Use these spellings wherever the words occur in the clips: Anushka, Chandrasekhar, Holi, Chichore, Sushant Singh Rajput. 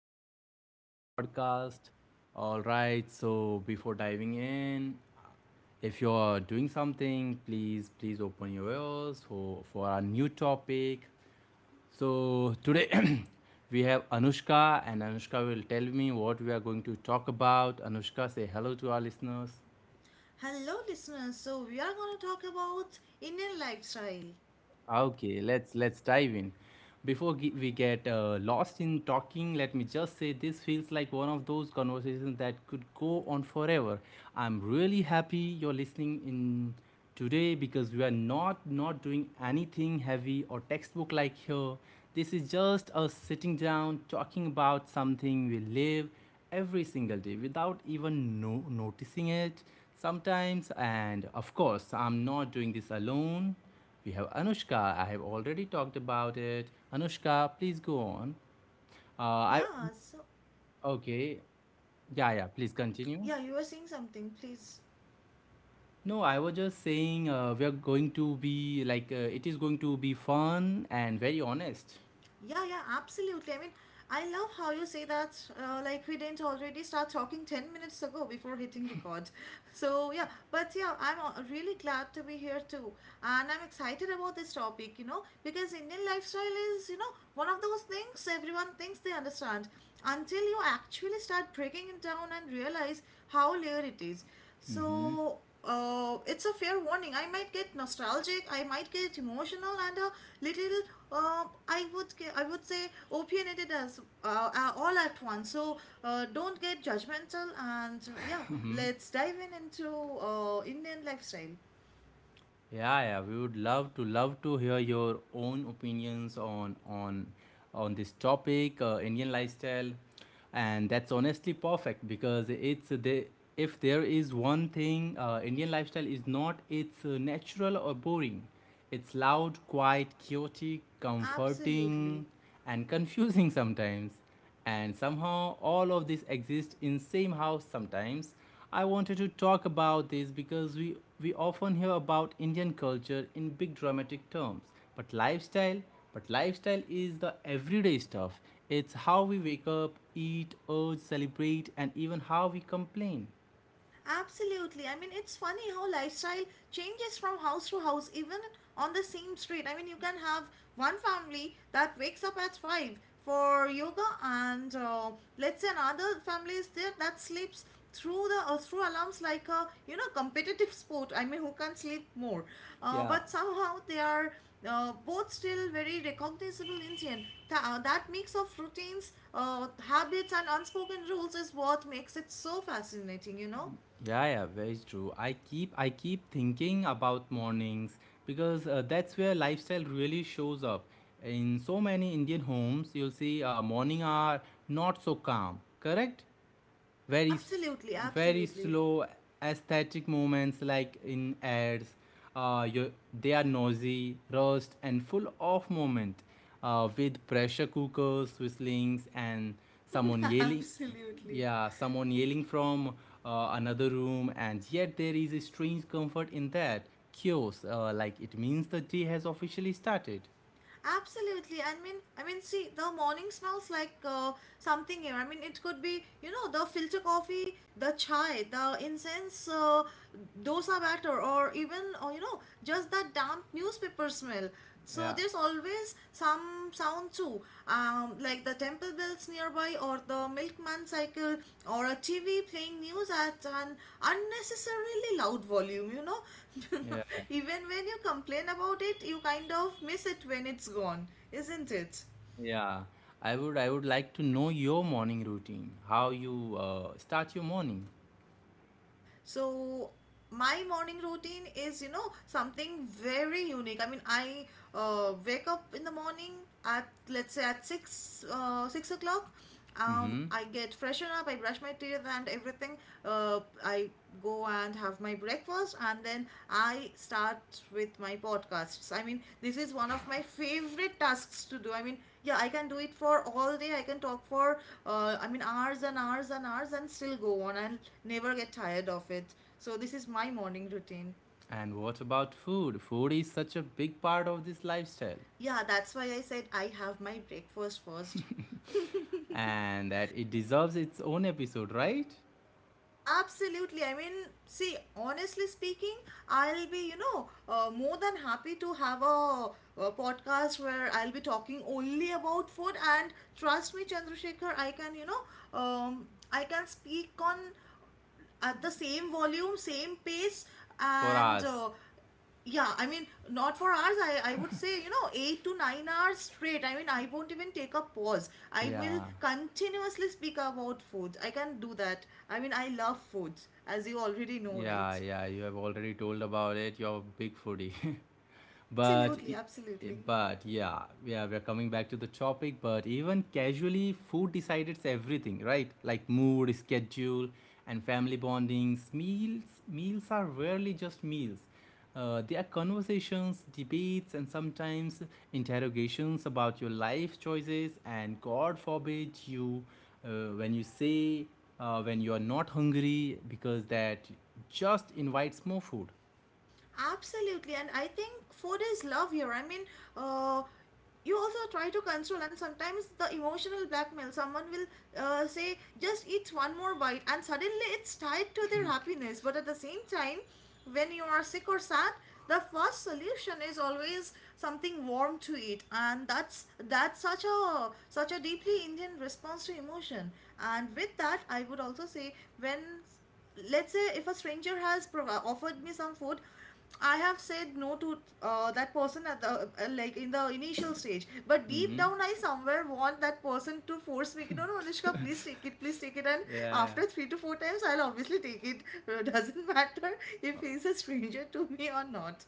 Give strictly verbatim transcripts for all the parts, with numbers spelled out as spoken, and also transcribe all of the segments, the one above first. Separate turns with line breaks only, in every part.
back to our new podcast. All right, so before diving in, if you're doing something, please, please open your ears for, for our new topic. So, today we have Anushka, and Anushka will tell me what we are going to talk about. Anushka, say hello to our listeners.
Hello, listeners. So, we are going to talk about Indian lifestyle.
Okay, let's let's dive in. Before ge- we get uh, lost in talking, let me just say this feels like one of those conversations that could go on forever. I'm really happy you're listening in today because we are not not doing anything heavy or textbook like here. This is just us sitting down talking about something we live every single day without even no- noticing it sometimes, and of course I'm not doing this alone. We have Anushka. I have already talked about it. Anushka, please go on. Uh, I
Yeah, so,
okay. Yeah, yeah. Please continue.
yeah, you were saying something, please.
No, I was just saying uh, we are going to be like uh, it is going to be fun and very honest.
Yeah, yeah, absolutely. I mean, I love how you say that, uh, like we didn't already start talking 10 minutes ago before hitting record. So, yeah, but yeah, I'm uh, really glad to be here too. And I'm excited about this topic, you know, because Indian lifestyle is, you know, one of those things everyone thinks they understand until you actually start breaking it down and realize how layered it is.
Mm-hmm.
So, uh, it's a fair warning. I might get nostalgic. I might get emotional and a little. Um, I would ge- I would say opinionated as uh, uh, all at once. So uh, don't get judgmental and uh, yeah, let's dive in into uh, Indian lifestyle.
Yeah, yeah, we would love to love to hear your own opinions on on on this topic, uh, Indian lifestyle, and that's honestly perfect because it's the if there is one thing uh, Indian lifestyle is not, it's uh, natural or boring. It's loud, quiet, chaotic,
Absolutely.
comforting, and confusing sometimes, and somehow all of this exists in same house sometimes. I wanted to talk about this because we we often hear about Indian culture in big dramatic terms, but lifestyle but lifestyle is the everyday stuff. It's how we wake up, eat, urge, celebrate, and even how we complain.
Absolutely. I mean, it's funny how lifestyle changes from house to house, even on the same street. I mean, you can have one family that wakes up at five for yoga, and uh, let's say another family is there that sleeps through the uh, through alarms like, a you know, competitive sport. I mean, who can sleep more? Uh,
Yeah.
but somehow they are uh, both still very recognizable Indian. Tha- uh, that mix of routines, uh, habits, and unspoken rules is what makes it so fascinating. You know.
Yeah, yeah, very true. I keep I keep thinking about mornings because uh, that's where lifestyle really shows up. In so many Indian homes, you'll see uh, morning are not so calm. Correct? very s-
Absolutely,
Very
absolutely.
slow aesthetic moments like in ads, uh, you, they are noisy, rushed, and full of moment, uh, with pressure cookers whistlings and someone yelling.
absolutely.
Yeah, someone yelling from uh, another room, and yet there is a strange comfort in that chaos, uh, like it means the day has officially started.
Absolutely. I mean, I mean, see, the morning smells like uh, something here. I mean, it could be, you know, the filter coffee, the chai, the incense, uh, dosa batter, or even, uh, you know, just that damp newspaper smell. So
Yeah,
there's always some some sound too, um, like the temple bells nearby, or the milkman cycle, or a T V playing news at an unnecessarily loud volume, you know.
yeah.
Even when you complain about it, you kind of miss it when it's gone, isn't it?
Yeah, I would. I would like to know your morning routine. How you uh, start your morning.
So my morning routine is, you know, something very unique. I mean, I uh, wake up in the morning at, let's say, at six uh, six o'clock. Um,
Mm-hmm.
I get freshen up, I brush my teeth and everything. Uh, I go and have my breakfast, and then I start with my podcasts. I mean, this is one of my favorite tasks to do. I mean, yeah, I can do it for all day. I can talk for, uh, I mean, hours and hours and hours and still go on. and never get tired of it. So, this is my morning routine.
And what about food? Food is such a big part of this lifestyle,
Yeah, that's why I said I have my breakfast first.
and that it deserves its own episode, right?
Absolutely. I mean, see, honestly speaking, I'll be, you know, uh, more than happy to have a, a podcast where I'll be talking only about food. And trust me, Chandrasekhar, I can, you know, um, I can speak on at the same volume, same pace,
For
and
us.
uh, yeah, I mean, not for hours. I, I would say, you know, eight to nine hours straight. I mean, I won't even take a pause. I will
Yeah,
continuously speak about food. I can do that. I mean, I love food, as you already know, right?
yeah, yeah. You have already told about it. You're a big foodie. But,
Absolutely,
e- e-
absolutely.
but yeah, yeah, we're coming back to the topic. But even casually, food decides everything, right? Like mood, schedule, and family bondings. Meals, meals are rarely just meals. Uh, they are conversations, debates, and sometimes interrogations about your life choices. And God forbid you, uh, when you say, uh, when you are not hungry, because that just invites more food.
Absolutely, and I think food is love here. I mean, uh, you also try to control, and sometimes the emotional blackmail. Someone will uh, say, "Just eat one more bite," and suddenly it's tied to their happiness. But at the same time, when you are sick or sad, the first solution is always something warm to eat, and that's that's such a such a deeply Indian response to emotion. And with that, I would also say, when, let's say, if a stranger has prov- offered me some food, I have said no to uh, that person at the uh, like, in the initial stage, but deep
Mm-hmm.
down I somewhere want that person to force me. No, no, Anushka, please take it, please take it. And
Yeah, yeah.
after three to four times, I'll obviously take it. Doesn't matter if he's a stranger to me or not.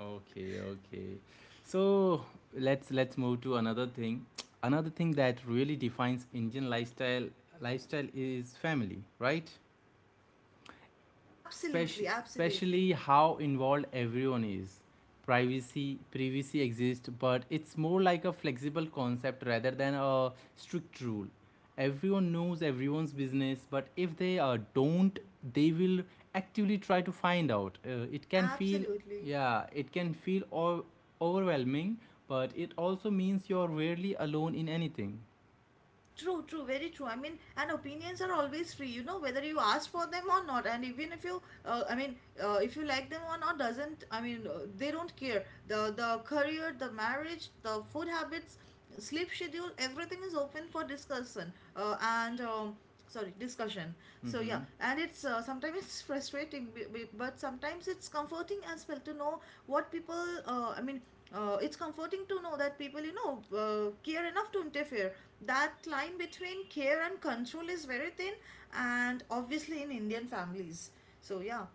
Okay, okay. So let's let's move to another thing. Another thing that really defines Indian lifestyle lifestyle is family, right? Spec-
Absolutely, absolutely,
especially how involved everyone is. Privacy privacy exists, but it's more like a flexible concept rather than a strict rule. Everyone knows everyone's business, but if they uh, don't, they will actively try to find out. Uh, it can feel,
absolutely.
yeah, it can feel o- overwhelming, but it also means you're rarely alone in anything.
True, true, very true. I mean, and opinions are always free, you know, whether you ask for them or not. And even if you, uh, I mean, uh, if you like them or not, doesn't, I mean, uh, they don't care. The the career, the marriage, the food habits, sleep schedule, everything is open for discussion. Uh, and um, sorry, discussion. So, yeah.
Mm-hmm.
And it's uh, sometimes it's frustrating, b- b- but sometimes it's comforting as well to know what people uh, i mean uh, it's comforting to know that people, you know, uh, care enough to interfere. That line between care and control is very thin, and obviously in Indian families. So, yeah.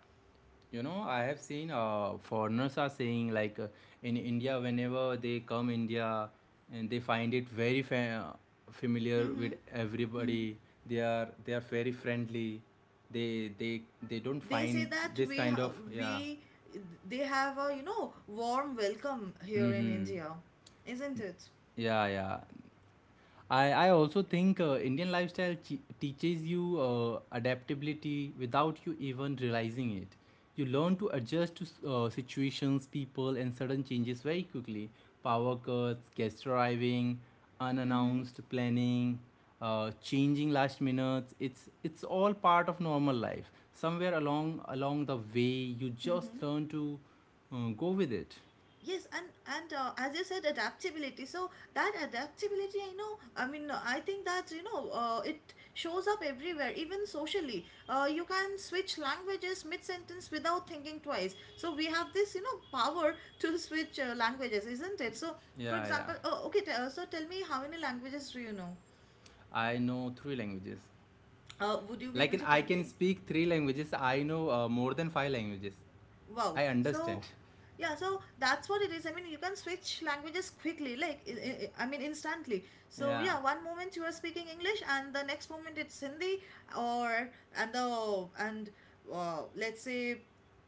You know, I have seen uh, foreigners are saying like uh, in India, whenever they come India, and they find it very fa- uh, familiar
Mm-hmm.
with
Mm-hmm.
everybody. They are they are very friendly. They they they don't
they say
find
that
this
we
kind
ha-
of, yeah.
we they have, a you know, warm welcome here in
Mm-hmm.
India, isn't it?
Yeah, yeah. I, I also think uh, Indian lifestyle che- teaches you uh, adaptability without you even realizing it. You learn to adjust to s- uh, situations, people, and sudden changes very quickly. Power cuts, guest arriving,
Mm-hmm.
unannounced planning, uh, changing last minutes. It's it's all part of normal life. Somewhere along along the way, you
Mm-hmm.
just learn to uh, go with it.
Yes, and and uh, as you said, adaptability. So that adaptability, I know. I mean, I think that, you know, uh, it shows up everywhere, even socially. Uh, you can switch languages mid sentence without thinking twice. So we have this, you know, power to switch uh, languages, isn't it? So, for
Yeah, yeah.
example, oh, okay. T- uh, so tell me, how many languages do you know?
I know three languages.
Uh, would you be
Like
able
in,
to
I
tell
can
me?
speak three languages. I know uh, more than five languages.
Wow.
I
So,
understand.
yeah, so that's what it is. I mean, you can switch languages quickly, like, I I- I mean, instantly. So,
Yeah,
yeah, one moment you are speaking English, and the next moment it's Hindi, or, and the, and, uh, let's say,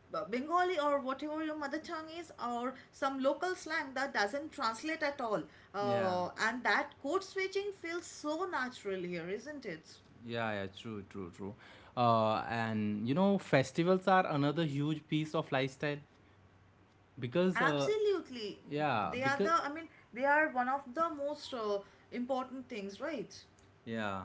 B- Bengali, or whatever your mother tongue is, or some local slang that doesn't translate at all.
yeah,
Uh, and that code switching feels so natural here, isn't it?
yeah, yeah. True, true, true. Uh, and you know, festivals are another huge piece of lifestyle because, uh,
Absolutely.
yeah,
They are
because
the, I mean, they are one of the most uh, important things, right?
yeah,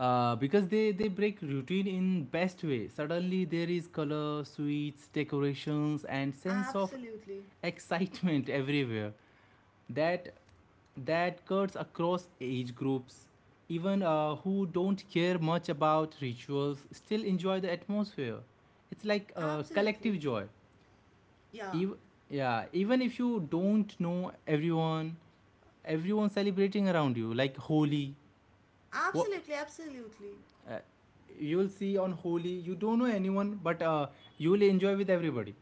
uh, because they they break routine in best way. Suddenly there is color, sweets, decorations, and sense of
Absolutely.
excitement everywhere. that that cuts across age groups. Even uh, who don't care much about rituals still enjoy the atmosphere. It's like a collective
Absolutely.
joy.
Yeah.
Ev- yeah, even if you don't know everyone, everyone celebrating around you, like Holi. What
Absolutely. Absolutely.
uh, you'll see on Holi, you don't know anyone, but uh, you'll enjoy with everybody.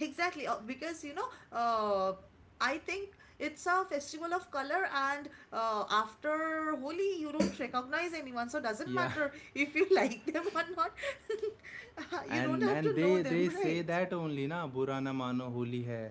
Exactly. Uh, Because, you know, uh, I think it's a festival of color, and uh, after Holi, you don't recognize anyone. So, doesn't
Yeah,
matter if you like them or not. You don't
and
have
and
to know
they
them,
they say
right?
that only na, Bura na mano Holi hai.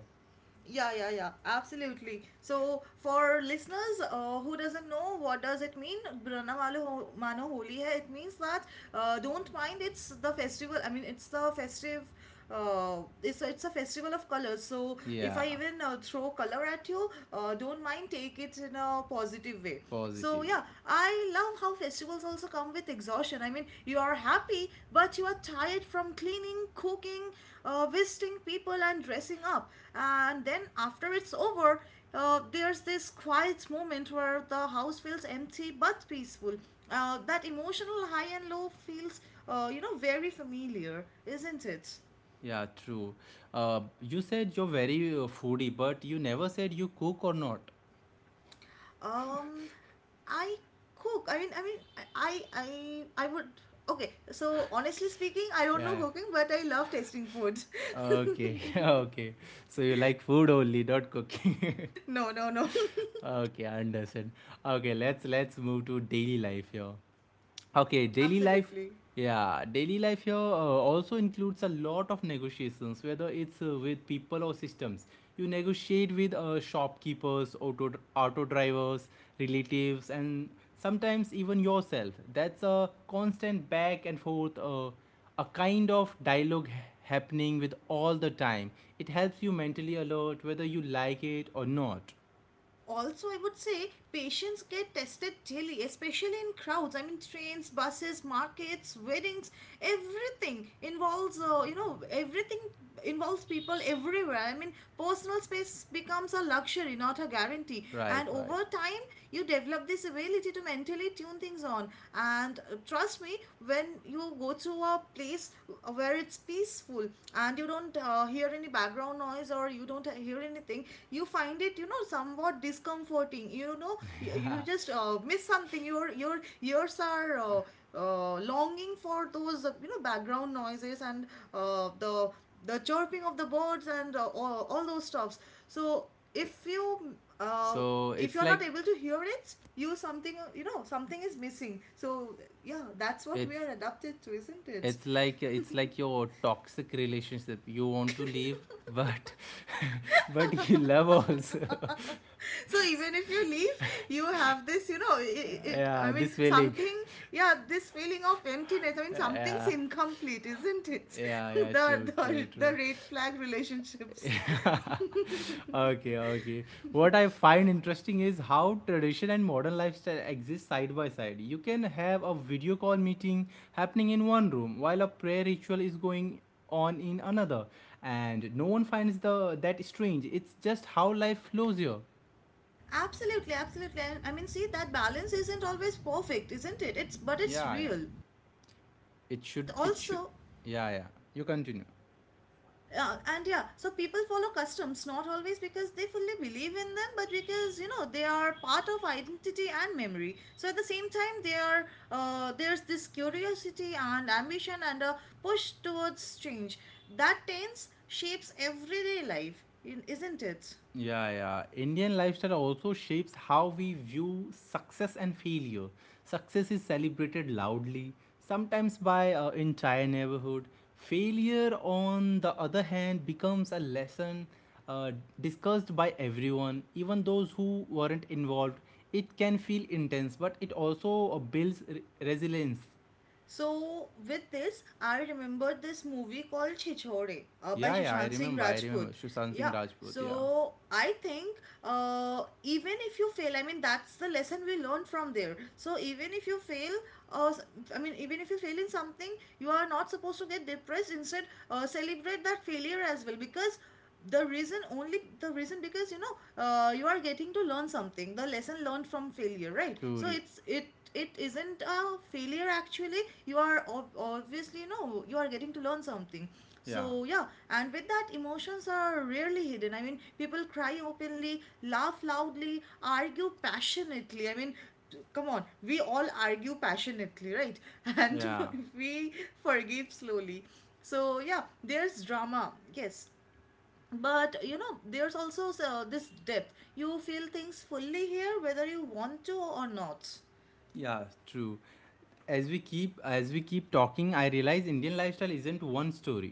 Yeah, yeah, yeah, absolutely. So, for listeners uh, who doesn't know what does it mean, Brahma Malo Ho- Mano Holi hai. It means that uh, don't mind. It's the festival. I mean, it's the festive. Uh, it's it's a festival of colors. So if
Yeah.
I even uh, throw color at you, uh, don't mind. Take it in a positive way. So
Positive way.
yeah, I love how festivals also come with exhaustion. I mean, you are happy, but you are tired from cleaning, cooking, uh, visiting people, and dressing up. And then after it's over, uh, there's this quiet moment where the house feels empty but peaceful. Uh, that emotional high and low feels, uh, you know, very familiar, isn't it?
Yeah, true. Uh, you said you're very uh, foodie, but you never said you cook or not.
Um, I cook. I mean, I mean, I, I, I would. Okay, so honestly speaking, I don't know
Yeah.
cooking, but I love tasting food.
Okay. Okay. So you like food only, not cooking.
No, no, no.
Okay, I understand. Okay, let's let's move to daily life here. Okay, daily life.
Absolutely.
Yeah, daily life here uh, also includes a lot of negotiations, whether it's uh, with people or systems. You negotiate with uh, shopkeepers, auto auto drivers, relatives, and sometimes even yourself. That's a constant back and forth. Uh, a kind of dialogue ha- happening with all the time. It helps you mentally alert whether you like it or not.
Also, I would say patients get tested daily, especially in crowds. I mean, trains, buses, markets, weddings, everything involves uh, you know everything involves people everywhere. I mean, personal space becomes a luxury, not a guarantee.
Right,
And over
right.
time, you develop this ability to mentally tune things on. And uh, trust me, when you go to a place where it's peaceful and you don't uh, hear any background background noise, or you don't hear anything, you find it, you know, somewhat discomforting. You know, you, you just uh, miss something. Your your ears are uh, uh, longing for those, uh, you know, background noises, and uh, the the chirping of the birds, and uh, all, all those stuffs. So
I-
if you uh,
So
if
it's
you're not
like
able to hear it, you something, you know, something is missing. So yeah, that's what we
it's
are adapted to, isn't it?
it's like it's like your toxic relationship. You want to leave, but but you love also.
So even if you leave, you have this, you know, it, it I
Yeah,
mean
this feeling.
something. Yeah, this feeling of emptiness. I mean, something's
Yeah,
incomplete, isn't it?
yeah, yeah. True,
the
true,
the, the
true.
red flag relationships.
Okay, okay. What I find interesting is how tradition and modern lifestyle exist side by side. You can have a video call meeting happening in one room while a prayer ritual is going on in another, and no one finds the that strange. It's just how life flows here.
Absolutely, absolutely. I I mean, see, that balance isn't always perfect, isn't it? It's but it's
Yeah, yeah.
real.
It should.
And
It should.
also,
Yeah, yeah. You continue.
uh, and yeah, so people follow customs, not always because they fully believe in them, but because, you know, they are part of identity and memory. So at the same time they are uh, there's this curiosity and ambition and a push towards change that tends shapes everyday life, in- isn't it?
Yeah, yeah. Indian lifestyle also shapes how we view success and failure. Success is celebrated loudly, sometimes by uh, entire neighborhood. Failure, on the other hand, becomes a lesson, uh, discussed by everyone, even those who weren't involved. It can feel intense, but it also uh, builds re- resilience.
So with this, I remembered this movie called Chichore uh, by
Yeah, yeah, I
Sushant Singh
remember. I remember
Rajput.
Sushant Singh
Yeah.
Rajput. Yeah,
So I think uh, even if you fail, I mean, that's the lesson we learn from there. So even if you fail, uh, s- I mean, even if you fail in something, you are not supposed to get depressed. Instead, uh, celebrate that failure as well because the reason only the reason because you know uh, you are getting to learn something, the lesson learned from failure, right? So
true.
it's it it isn't a failure. Actually, you are ob- obviously, you know, you are getting to learn something.
Yeah,
So yeah. And with that, emotions are rarely hidden. I mean, people cry openly, laugh loudly, argue passionately. I mean, come on, we all argue passionately, right? And
yeah,
we forgive slowly. So yeah, there's drama, yes, but you know, there's also so, this depth. You feel things fully here whether you want to or not.
yeah, true. as we keep as we keep talking, I realize Indian lifestyle isn't one story.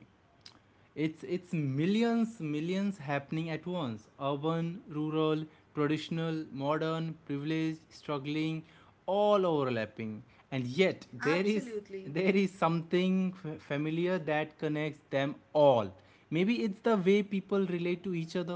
It's it's millions, millions happening at once, urban, rural, traditional, modern, privileged, struggling, all overlapping, and yet there is
Absolutely
there is something f- familiar that connects them all. Maybe it's the way people relate to each other.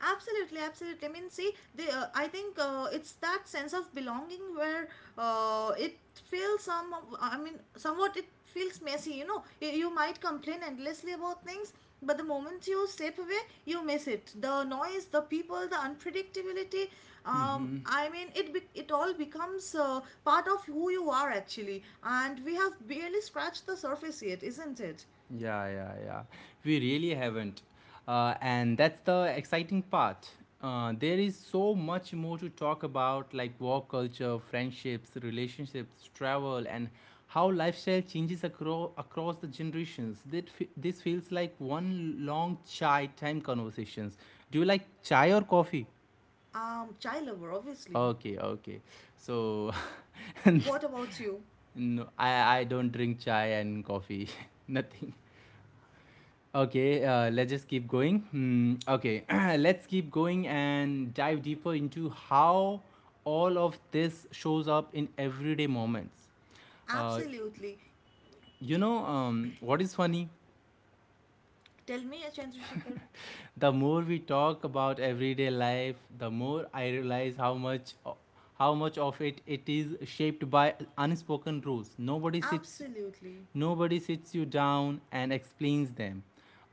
Absolutely, absolutely. I mean, see, the uh, I think uh, it's that sense of belonging where uh, it feels some. I mean, somewhat it feels messy. You know, you, you might complain endlessly about things, but the moment you step away, you miss it. The noise, the people, the unpredictability. Um, I mean, it be, it all becomes uh, part of who you are actually, and we have barely scratched the surface yet, isn't it?
Yeah, yeah, yeah. We really haven't. Uh, and that's the exciting part. Uh, there is so much more to talk about, like work culture, friendships, relationships, travel, and how lifestyle changes acro- across the generations. That fe- this feels like one long chai time conversations. Do you like chai or coffee?
Um, child lover, obviously.
Okay, okay. So,
What about you?
no, I, I don't drink chai and coffee. Nothing. Okay, uh, let's just keep going. Hmm, okay, let's keep going and dive deeper into how all of this shows up in everyday moments. Uh,
Absolutely.
you know, um, what is funny?
Tell me, Chandrasekhar.
The more we talk about everyday life, the more I realize how much how much of it it is shaped by unspoken rules. nobody sits
Absolutely.
nobody sits you down and explains them,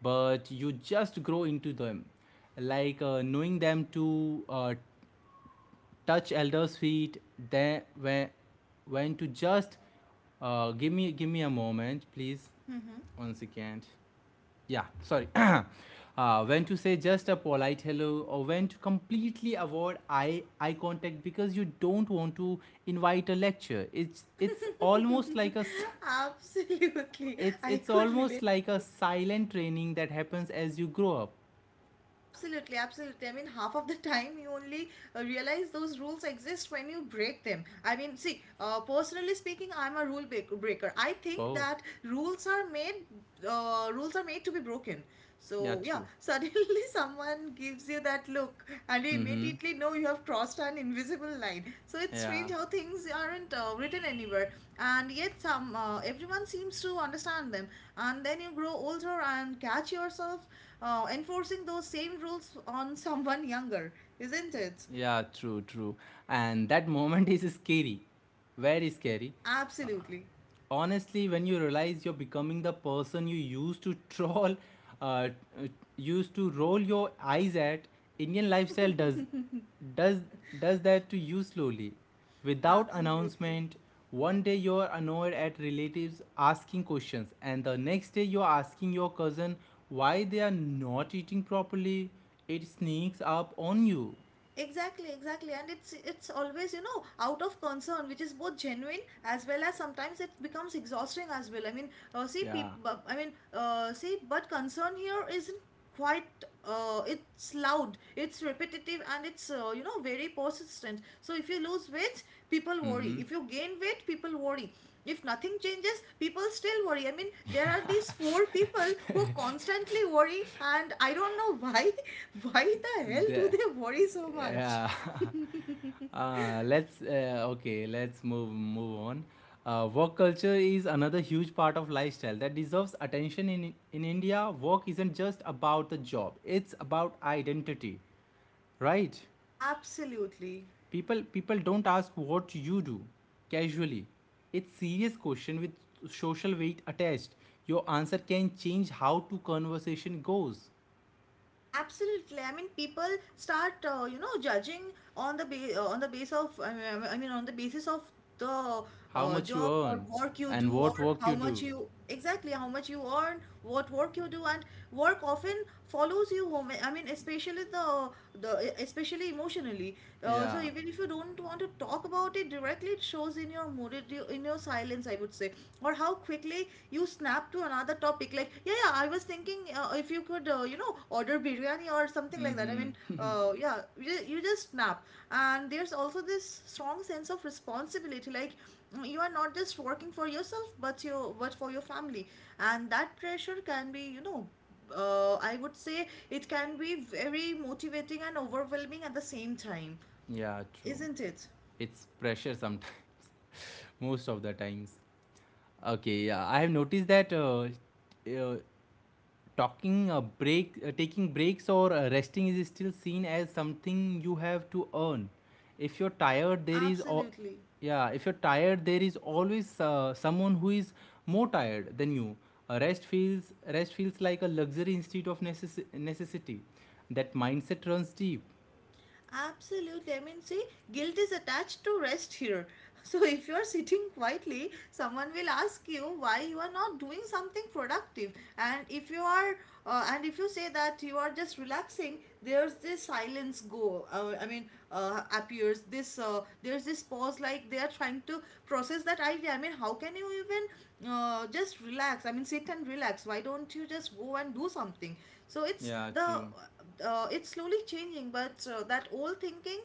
but you just grow into them, like uh, knowing them to uh, touch elders feet, then when when to just uh, give me give me a moment please.
Mm-hmm.
One second. Yeah, sorry. Uh, when to say just a polite hello, or when to completely avoid eye eye contact because you don't want to invite a lecture. It's it's almost like a s-
Absolutely.
it's
I
it's
could
almost
relate.
like a silent training that happens as you grow up.
Absolutely, absolutely. I mean, half of the time you only uh, realize those rules exist when you break them. I mean, see, uh, personally speaking, I'm a rule break- breaker. I think
Oh.
that rules are made, uh, rules are made to be broken.
Yeah,
So yeah,
true.
suddenly someone gives you that look, and you
Mm-hmm.
immediately know you have crossed an invisible line. So it's
Yeah.
strange how things aren't uh, written anywhere, and yet some uh, everyone seems to understand them. And then you grow older and catch yourself uh, enforcing those same rules on someone younger, isn't it?
Yeah, true, true. And that moment is scary, very scary.
Absolutely.
Honestly, when you realize you're becoming the person you used to troll uh, uh, used to roll your eyes at. Indian lifestyle does does does that to you slowly, without
Absolutely.
announcement. One day you're annoyed at relatives asking questions, and the next day you're asking your cousin why they are not eating properly. It sneaks up on you.
Exactly, exactly. And it's it's always, you know, out of concern, which is both genuine as well as sometimes it becomes exhausting as well. I mean, uh, see,
Yeah.
people, I mean, uh, see, but concern here isn't quite, uh, it's loud, it's repetitive, and it's, uh, you know, very persistent. So if you lose weight, people worry.
Mm-hmm.
If you gain weight, people worry. If nothing changes, people still worry. I mean, there are these four people who constantly worry, and I don't know why. Why the hell
The,
do they worry so much?
yeah. uh, let's uh, okay. Let's move move on. Uh, work culture is another huge part of lifestyle that deserves attention in in India. Work isn't just about the job; it's about identity, right?
Absolutely.
People people don't ask what you do casually. It's serious question with social weight attached. Your answer can change how to conversation goes,
Absolutely. I mean, people start, uh, you know, judging on the ba- uh, on the base of, I mean, I mean, on the basis of the
how
uh,
much you
job or
earn,
work you
and
do, or
what work
how
you
much
do.
you exactly how much you earn, what work you do, and work often follows you home. I mean, especially the the especially emotionally. Uh, so
Yeah.
even if you don't want to talk about it directly, it shows in your mood, it, in your silence, I would say, or how quickly you snap to another topic. Like, yeah, yeah, I was thinking, uh, if you could, uh, you know, order biryani or something like that. I mean,
Mm-hmm.
uh, yeah, you just, you just snap. And there's also this strong sense of responsibility. Like, mm, you are not just working for yourself, but your but for your family, and that pressure can be, you know, uh, I would say it can be very motivating and overwhelming at the same time,
Yeah, true.
isn't it?
It's pressure sometimes, most of the times. Okay, yeah, I have noticed that uh, uh, talking a break, uh, taking breaks or uh, resting is still seen as something you have to earn. If you're tired, there is, al-
Absolutely.
Yeah, if you're tired, there is always uh, someone who is more tired than you. Uh, rest feels rest feels like a luxury instead of necess- necessity. That mindset runs deep.
Absolutely. I mean, see, guilt is attached to rest here. So, if you are sitting quietly, someone will ask you why you are not doing something productive. And if you are, uh, and if you say that you are just relaxing, there's this silence go. Uh, I mean, uh, appears this. Uh, there's this pause, like they are trying to process that idea. I mean, how can you even uh, just relax? I mean, sit and relax. Why don't you just go and do something? So it's
Yeah,
the
true.
uh, it's slowly changing, but uh, that old thinking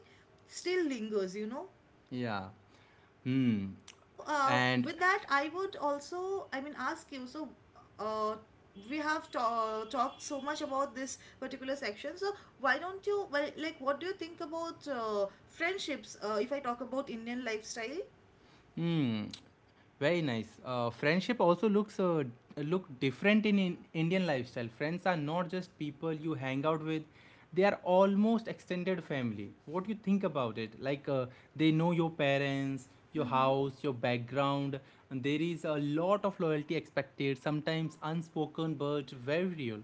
still lingers, you know.
Yeah. Hmm.
So uh,
And
with that, i would also i mean ask you, so uh, we have ta- talked so much about this particular section, so why don't you, well, like, what do you think about uh, friendships, uh, if I talk about Indian lifestyle?
hmm. Very nice. Uh, friendship also looks uh, look different in, in Indian lifestyle. Friends are not just people you hang out with; they are almost extended family. What do you think about it? Like uh, they know your parents, your
Mm-hmm.
house, your background, and there is a lot of loyalty expected. Sometimes unspoken, but very real.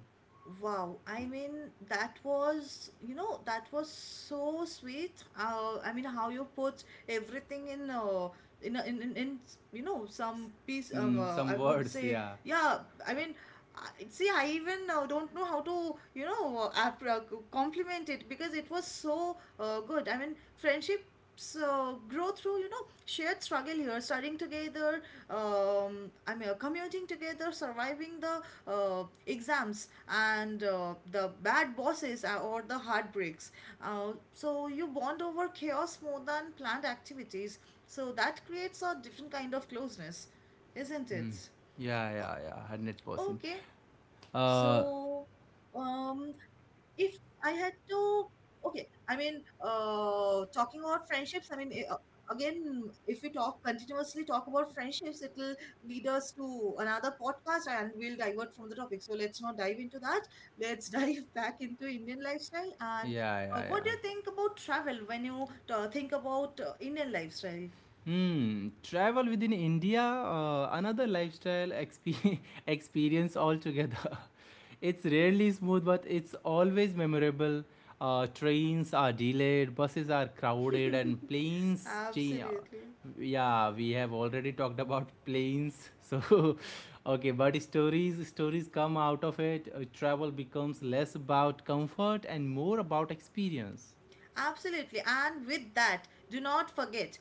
Wow, I mean, that was, you know, that was so sweet. Uh, I mean, how you put everything in uh, in, a- in in in you know,
S-
some piece, um
In
uh,
some
I would
words,
say,
yeah.
yeah, I mean, I, see, I even uh, don't know how to, you know, uh, app- uh, compliment it because it was so uh, good. I mean, friendships uh, grow through, you know, shared struggle here: studying together, um I mean uh, commuting together, surviving the uh, exams and uh, the bad bosses uh, or the heartbreaks. Uh, so you bond over chaos more than planned activities. So that creates a different kind of closeness, isn't
Hmm.
it?
Yeah,
O-
yeah, yeah, hundred percent.
Okay,
Uh,
so um, if I had to, okay, I mean, uh, talking about friendships, I mean, eh, uh, again, if we talk continuously talk about friendships, it will lead us to another podcast and we'll divert from the topic. So let's not dive into that. Let's dive back into Indian lifestyle. And
Yeah,
uh,
yeah,
what do
yeah.
you think about travel when you uh, think about uh, Indian lifestyle?
Hmm. Travel within India, uh, another lifestyle exp- experience altogether. It's rarely smooth, but it's always memorable. Uh, trains are delayed, buses are crowded, and planes change.
Absolutely.
Yeah, we have already talked about planes. So, okay, but stories stories come out of it. Uh, travel becomes less about comfort and more about experience.
Absolutely. And with that, do not forget.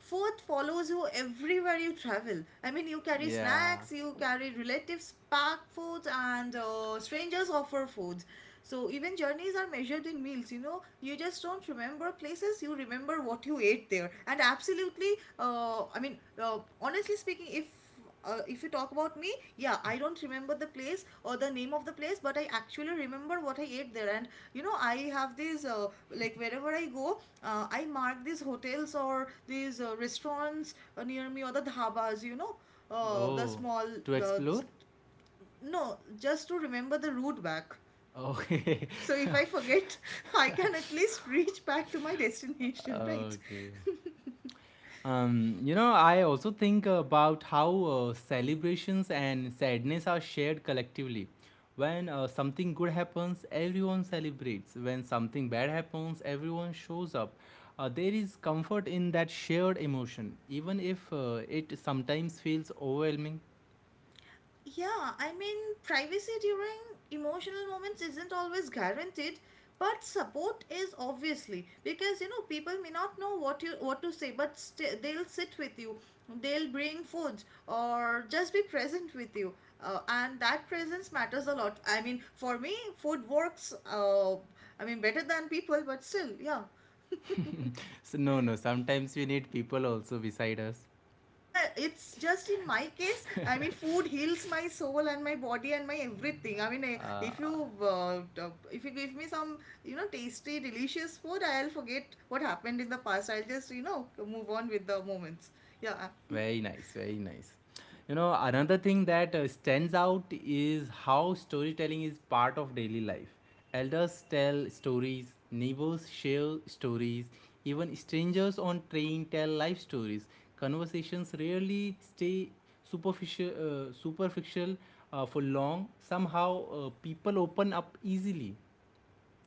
Food follows you everywhere you travel. I mean, you carry
Yeah.
snacks, you carry relatives pack foods, and uh, strangers offer foods. So even journeys are measured in meals. You know, you just don't remember places. You remember what you ate there. And absolutely, uh, I mean, uh, honestly speaking, if uh, if you talk about me, yeah, I don't remember the place or the name of the place, but I actually remember what I ate there. And you know, I have these, uh, like, wherever I go, uh, I mark these hotels or these uh, restaurants uh, near me, or the dhabas. You know, uh, the
Oh,
small
to
uh,
explore?
s- no, just to remember the route back.
Okay.
So if I forget, I can at least reach back to my destination, right?
Okay. Um, you know, I also think about how uh, celebrations and sadness are shared collectively. When uh, something good happens, everyone celebrates. When something bad happens, everyone shows up. Uh, there is comfort in that shared emotion, even if uh, it sometimes feels overwhelming.
Yeah, I mean, privacy during emotional moments isn't always guaranteed, but support is, obviously, because you know, people may not know what you what to say, but st- they'll sit with you, they'll bring food or just be present with you, uh, and that presence matters a lot. I mean, for me, food works. Uh, I mean, better than people, but still, yeah.
So, no, no, sometimes we need people also beside us.
Yeah, it's just in my case, I mean, food heals my soul and my body and my everything. I mean, I, if you uh, t- if you give me some, you know, tasty delicious food, I'll forget what happened in the past. I'll just, you know, move on with the moments. Yeah.
Very nice, very nice. You know, another thing that uh, stands out is how storytelling is part of daily life. Elders tell stories, neighbors share stories, even strangers on train tell life stories. Conversations rarely stay superficial, uh, superficial uh, for long. Somehow, uh, people open up easily.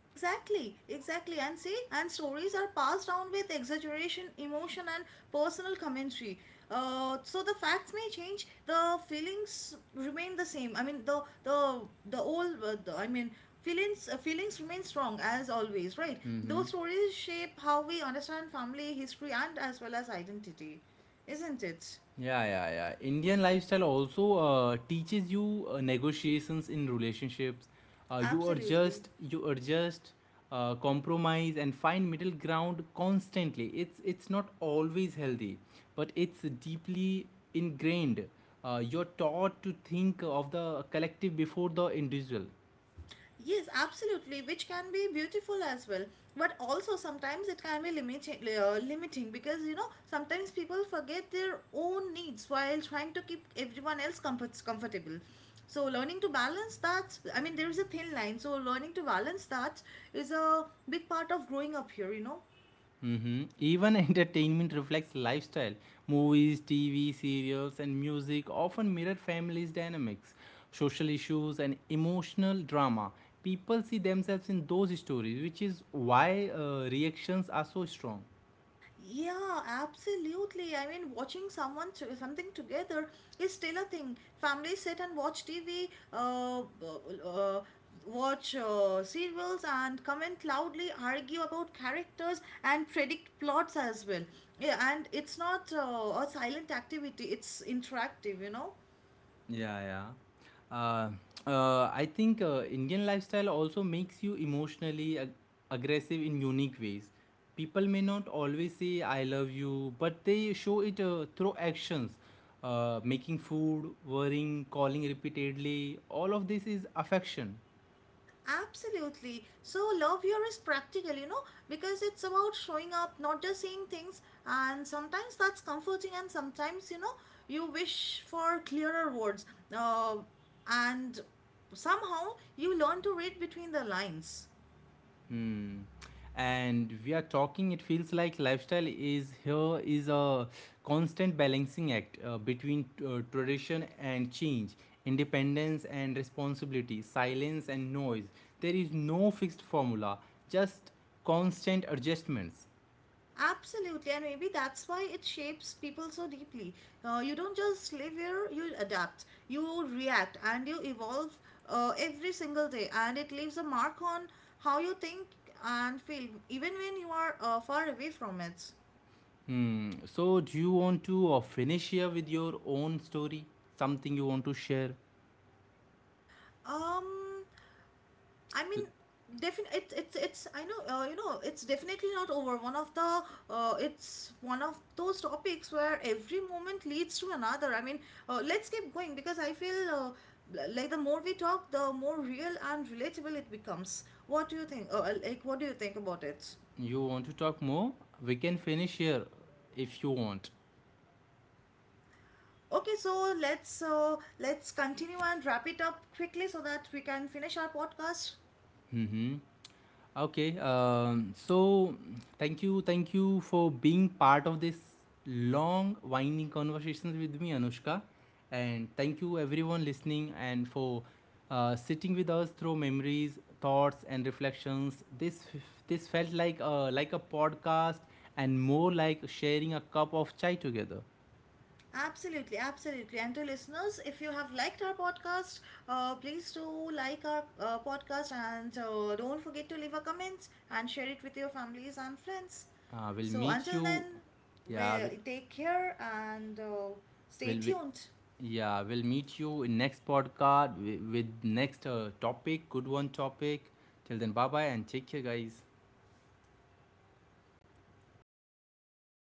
Exactly, exactly. And see, and stories are passed down with exaggeration, emotion, and personal commentary. Uh, so the facts may change, the feelings remain the same. I mean, the the the old, uh, the, I mean, feelings, uh, feelings remain strong as always, right? Those stories shape how we understand family history and as well as identity, isn't it?
Yeah, yeah, yeah. Indian lifestyle also uh, teaches you uh, negotiations in relationships. Uh, you
Absolutely.
adjust, you adjust, uh, compromise, and find middle ground constantly. It's it's not always healthy, but it's deeply ingrained. Uh, you're taught to think of the collective before the individual.
Yes, absolutely, which can be beautiful as well. But also sometimes it can be limiting, uh, limiting because, you know, sometimes people forget their own needs while trying to keep everyone else comfort- comfortable. So learning to balance that, I mean, there is a thin line. So learning to balance that is a big part of growing up here, you know.
Hmm. Even entertainment reflects lifestyle. Movies, T V, serials, and music often mirror families' dynamics, social issues, and emotional drama. People see themselves in those stories, which is why uh, reactions are so strong.
Yeah, absolutely. I mean, watching someone to, something together is still a thing. Families sit and watch T V, uh, uh, watch uh, serials, and comment loudly, argue about characters, and predict plots as well. Yeah, and it's not uh, a silent activity; it's interactive. You know.
Yeah, yeah. Uh, uh, I think uh, Indian lifestyle also makes you emotionally ag- aggressive in unique ways. People may not always say "I love you," but they show it uh, through actions, uh, making food, worrying, calling repeatedly. All of this is affection.
Absolutely. So, love here is practical, you know, because it's about showing up, not just saying things. And sometimes that's comforting, and sometimes, you know, you wish for clearer words. Uh, and somehow you learn to read between the lines.
Hmm. And we are talking, it feels like lifestyle is here is a constant balancing act uh, between uh, tradition and change, independence and responsibility, silence and noise. There is no fixed formula, just constant adjustments.
Absolutely, and maybe that's why it shapes people so deeply. Uh, you don't just live here, you adapt, you react, and you evolve, uh, every single day, and it leaves a mark on how you think and feel, even when you are uh, far away from it.
Hmm. So, do you want to uh, finish here with your own story? Something you want to share?
Um, I mean, definitely, it, it's it's, I know, uh, you know, it's definitely not over. One of the uh, It's one of those topics where every moment leads to another. I mean, uh, let's keep going because I feel uh, l- like the more we talk, the more real and relatable it becomes. What do you think? Uh, uh, like, what do you think about it?
You want to talk more? We can finish here if you want.
Okay, so let's uh, let's continue and wrap it up quickly so that we can finish our podcast.
Mm-hmm. Okay, um, so thank you, thank you for being part of this long, winding conversations with me, Anushka, and thank you everyone listening and for uh, sitting with us through memories, thoughts, and reflections. This f- this felt like a like a podcast and more like sharing a cup of chai together.
Absolutely, absolutely. And to listeners, if you have liked our podcast, uh, please do like our uh, podcast and uh, don't forget to leave a comment and share it with your families and friends.
Uh, we'll
So
meet
until then,
you. Yeah, we,
we take care and uh, stay
we'll, we,
tuned.
Yeah, we'll meet you in next podcast wi- with next uh, topic, good one topic. Till then, bye bye and take care, guys.